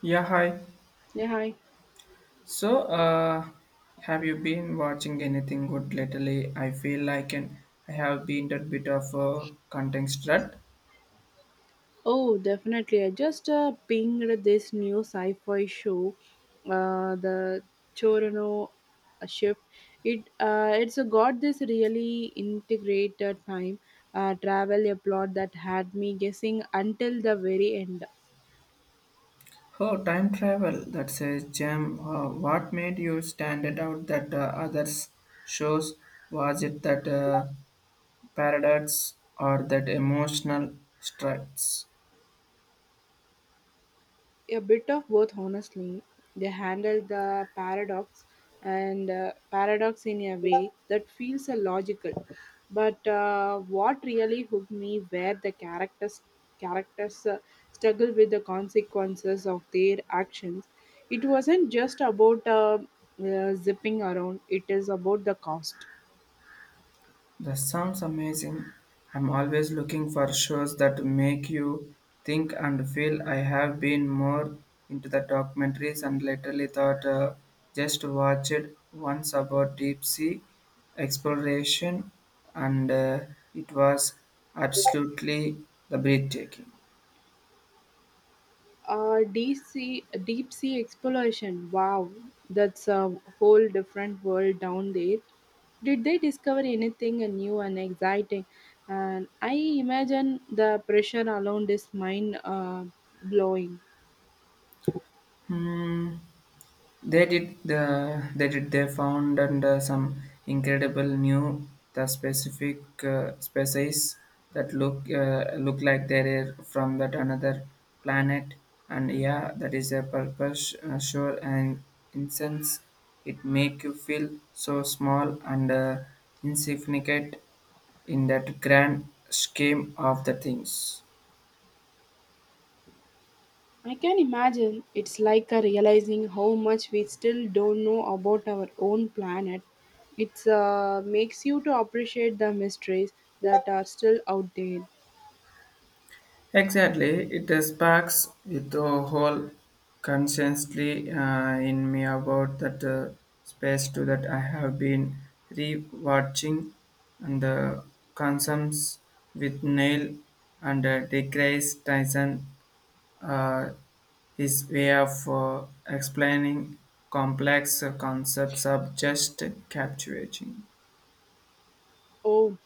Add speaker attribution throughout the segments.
Speaker 1: Yeah, hi.
Speaker 2: Yeah, hi.
Speaker 1: So have you been watching anything good lately? I feel like an, I have been a bit of a content strut.
Speaker 2: Oh, definitely. I just pinged this new sci-fi show, the Chorano Shift. It's got this really integrated time travel a plot that had me guessing until the very end.
Speaker 1: Oh, time travel. That says, Jim, what made you stand it out that others shows? Was it that paradox or that emotional struts?
Speaker 2: A bit of both, honestly. They handle the paradox and paradox in a way that feels logical, but what really hooked me were the characters. Characters struggle with the consequences of their actions. It wasn't just about zipping around, it is about the cost.
Speaker 1: That sounds amazing. I'm always looking for shows that make you think and feel. I have been more into the documentaries and lately thought, just watched once about deep sea exploration and it was absolutely the breathtaking.
Speaker 2: Deep sea exploration. Wow, that's a whole different world down there. Did they discover anything new and exciting? And I imagine the pressure around is mind blowing.
Speaker 1: Hmm. They did the they did they found and some incredible new the specific species that look like they're from that another planet and yeah that is a purpose sure and incense it make you feel so small and insignificant in that grand scheme of the things.
Speaker 2: I can imagine it's like a realizing how much we still don't know about our own planet. It makes you to appreciate the mysteries that are still out there.
Speaker 1: Exactly, it sparks with the whole consciously in me about that space to that I have been re-watching and the consumes with Neil and DeGrasse Tyson uh, his way of explaining complex concepts of just captivating.
Speaker 2: Oh,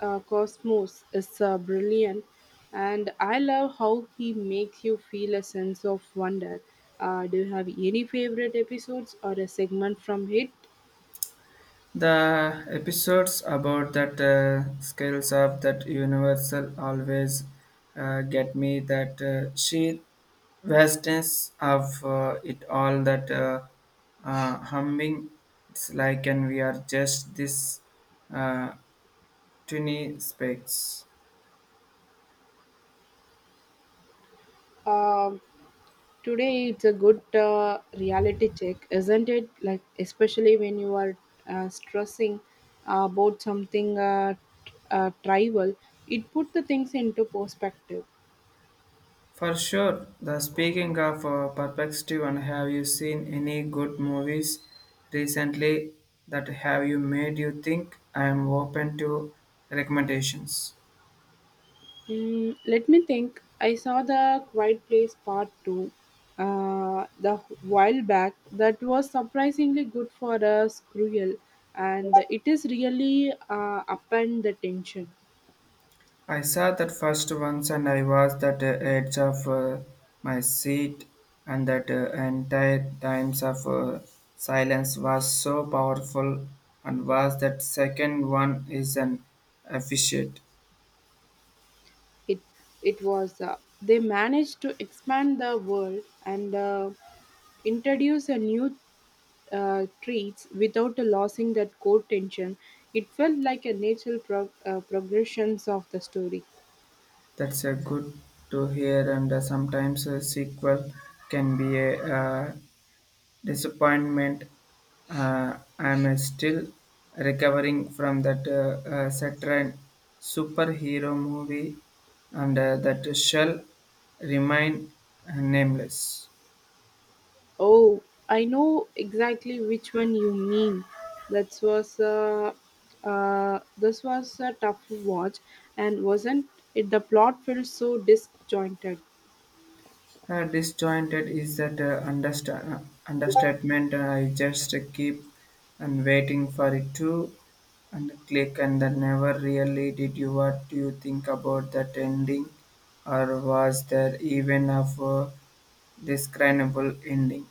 Speaker 2: Cosmos is brilliant, and I love how he makes you feel a sense of wonder. Do you have any favorite episodes or a segment from it?
Speaker 1: The episodes about that scales of that universal always get me that sheer vastness of it all that humming it's like and we are just this uh, tiny specks.
Speaker 2: Um today, it's a good reality check, isn't it? Like, especially when you are stressing about something trivial, it put the things into perspective.
Speaker 1: For sure. The speaking of perspective, and have you seen any good movies recently that have you made you think? I am open to recommendations.
Speaker 2: Mm, let me think. I saw the Quiet Place Part 2 the while back. That was surprisingly good for a cruel, and it is really upend the tension.
Speaker 1: I saw that first once, and I was that edge of my seat, and that entire times of silence was so powerful, and was that second one is an efficient.
Speaker 2: It it was they managed to expand the world and introduce a new treats without losing that core tension. It felt like a natural progressions of the story.
Speaker 1: That's a good to hear, and sometimes a sequel can be a disappointment. I'm still recovering from that Saturn superhero movie, and that shall remain nameless.
Speaker 2: Oh, I know exactly which one you mean. That was a this was a tough watch, and wasn't it? The plot felt so disjointed.
Speaker 1: Disjointed is that understatement. I just keep and waiting for it to and click and then never really did you what do you think about that ending or was there even of a describable ending.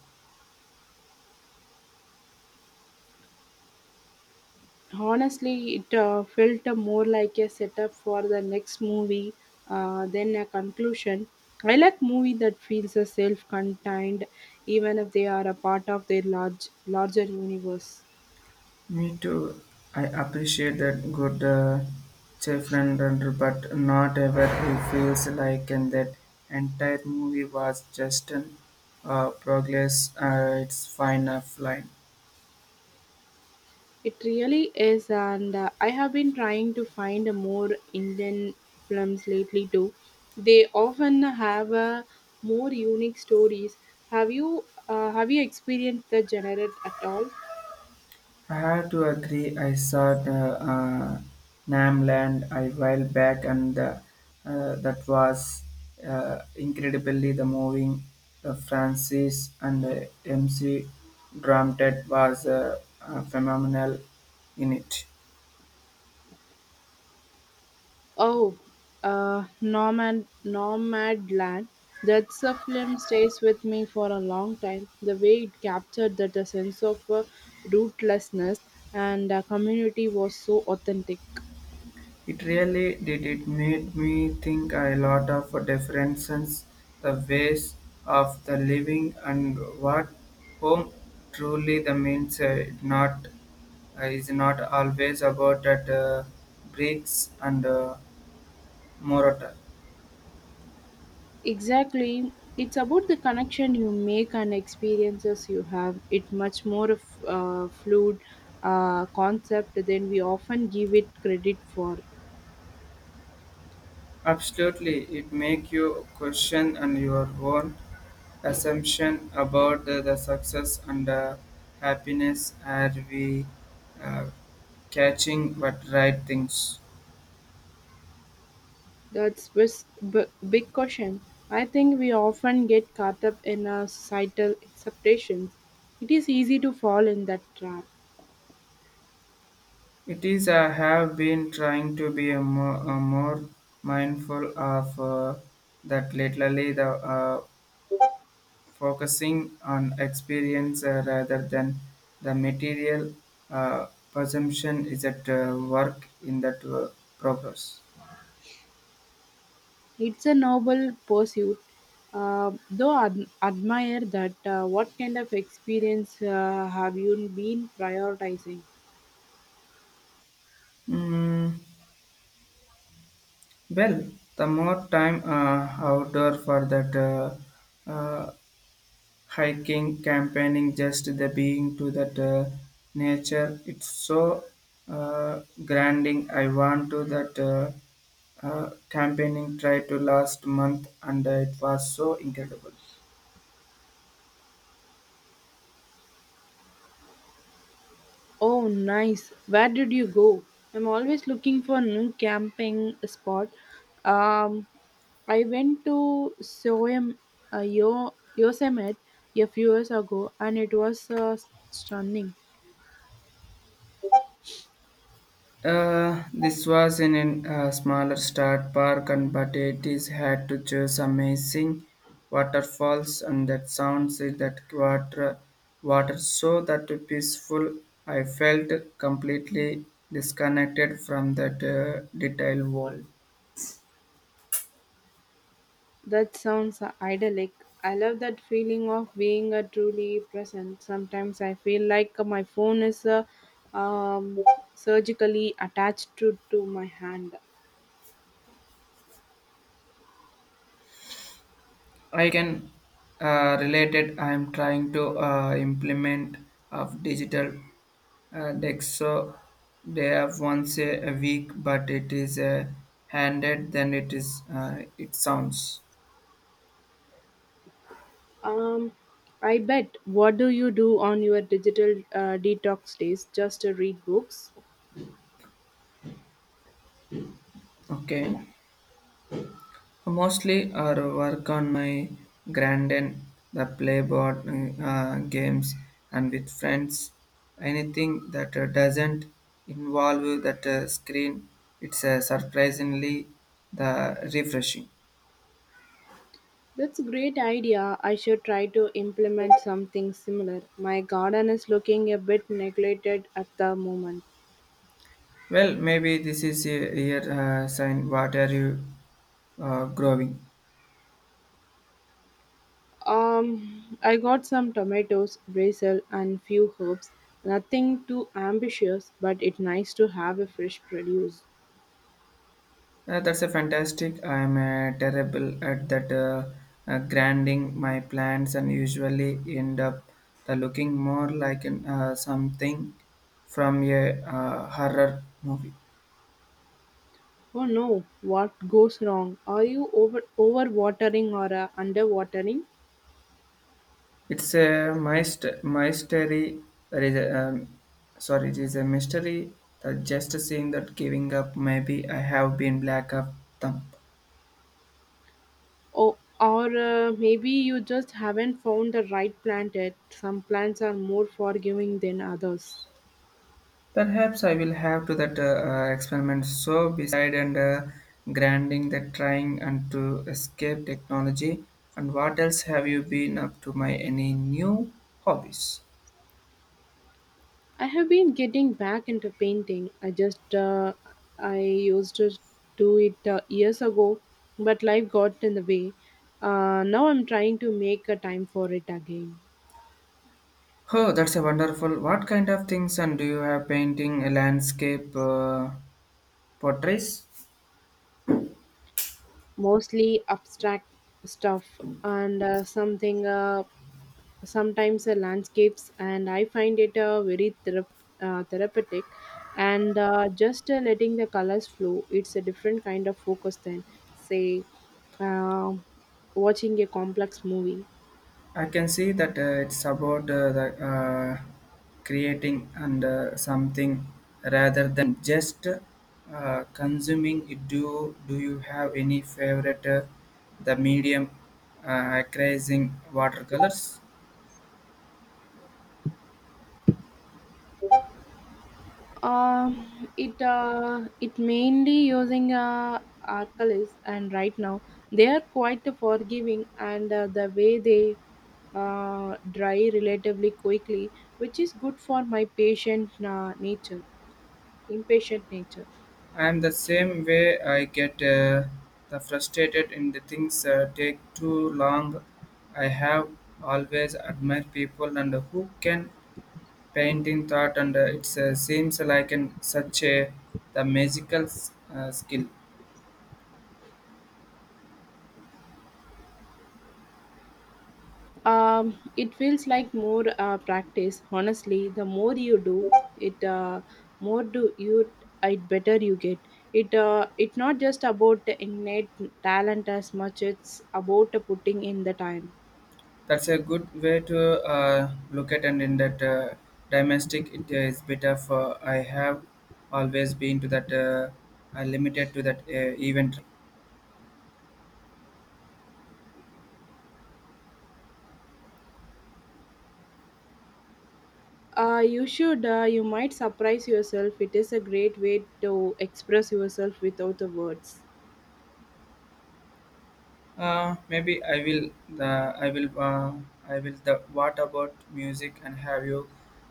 Speaker 2: Honestly, it felt more like a setup for the next movie than a conclusion. I like movie that feels self-contained, even if they are a part of their larger universe.
Speaker 1: Me too. I appreciate that good chef London, but not ever he feels like and that entire movie was just an progress. It's fine offline.
Speaker 2: It really is, and I have been trying to find a more Indian films lately too. They often have more unique stories. Have you experienced the genre at all?
Speaker 1: I had to agree. I saw the Namland a while back, and the, that was incredibly the moving. The Francis and the MC Drumtet was phenomenal in it.
Speaker 2: Oh, Nomad Land. That's a film stays with me for a long time. The way it captured that a sense of rootlessness and community was so authentic.
Speaker 1: It really did. It made me think a lot of differences, the ways of the living, and what home truly the means. Not is not always about that bricks and mortar.
Speaker 2: Exactly. It's about the connection you make and experiences you have. It's much more of a fluid concept than we often give it credit for.
Speaker 1: Absolutely, it make you question and your own assumption about the success and happiness. Are we uh, catching what right things?
Speaker 2: That's big question. I think we often get caught up in our societal expectations. It is easy to fall in that trap.
Speaker 1: It is I have been trying to be a more mindful of that lately the focusing on experience rather than the material presumption is at work in that progress.
Speaker 2: It's a noble pursuit, though admire that. What kind of experience have you been prioritizing?
Speaker 1: Mm, well, the more time outdoor for that hiking, campaigning, just the being to that nature. It's so grinding. I want to that campaigning try to last month, and it was so incredible.
Speaker 2: Oh, nice. Where did you go? I'm always looking for new camping spot. Um, I went to Soem, Yosemite a few years ago, and it was stunning.
Speaker 1: This was in a smaller start park, and but it is had to choose amazing waterfalls and that sounds in that water so that peaceful. I felt completely disconnected from that detailed world.
Speaker 2: That sounds idyllic. I love that feeling of being truly present. Sometimes I feel like my phone is um, surgically attached to my hand.
Speaker 1: I can relate it. I'm trying to implement of digital decks, so they have once a week, but it is handed than it is. It sounds
Speaker 2: Um, I bet. What do you do on your digital detox days? Just to read books?
Speaker 1: okay. Mostly, I work on my grandin, the playboard games, and with friends. Anything that doesn't involve that screen, it's surprisingly the refreshing.
Speaker 2: That's a great idea. I should try to implement something similar. My garden is looking a bit neglected at the moment.
Speaker 1: Well, maybe this is a real sign. What are you growing?
Speaker 2: I got some tomatoes, basil, and few herbs. Nothing too ambitious, but it's nice to have a fresh produce.
Speaker 1: That's a fantastic. I'm terrible at that grinding my plants and usually end up looking more like an, something from a horror movie.
Speaker 2: Oh no, what goes wrong? Are you overwatering or underwatering?
Speaker 1: It's a mystery. There is a, sorry, it is a mystery. That just seeing that giving up, maybe I have been black of thumb.
Speaker 2: Oh, or maybe you just haven't found the right plant yet. Some plants are more forgiving than others.
Speaker 1: Perhaps I will have to that experiment so beside and grinding that trying and to escape technology. And what else have you been up to? My any new hobbies?
Speaker 2: I have been getting back into painting. I used to do it years ago, but life got in the way. Now I'm trying to make a time for it again.
Speaker 1: Oh, that's a wonderful. What kind of things and do you have painting, a landscape, portraits?
Speaker 2: Mostly abstract stuff and something sometimes landscapes, and I find it very therapeutic, and just letting the colors flow. It's a different kind of focus than say uh, watching a complex movie.
Speaker 1: I can see that it's about creating and something rather than just consuming it. Do you have any favorite the medium crazing watercolors?
Speaker 2: um it uh, it mainly using alkalis, and right now they are quite forgiving, and the way they dry relatively quickly, which is good for my patient nature impatient nature.
Speaker 1: I am the same way. I get the frustrated in the things take too long. I have always admired people and who can painting thought and it seems like an, such a the magical skill.
Speaker 2: It feels like more practice. Honestly, the more you do it, more do you it better you get. It's not just about the innate talent as much. It's about putting in the time.
Speaker 1: That's a good way to look at and in that domestic it is better for I have always been to that limited to that event.
Speaker 2: You should. You might surprise yourself. It is a great way to express yourself without the words.
Speaker 1: Maybe I will uh, I will the what about music and have you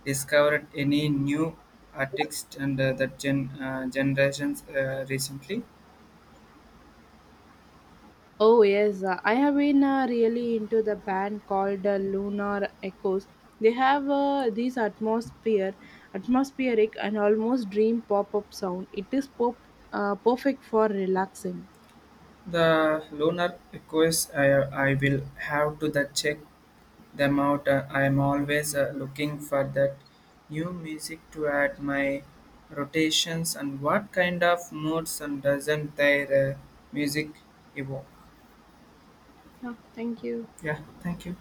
Speaker 1: discovered any new artists and that generations recently.
Speaker 2: Oh yes, I have been really into the band called Lunar Echoes. They have this atmospheric and almost dream pop-up sound. Perfect for relaxing.
Speaker 1: The lunar echoes, I will have to the check them out. I am always looking for that new music to add my rotations and what kind of moods and doesn't their music evoke. Yeah, thank you.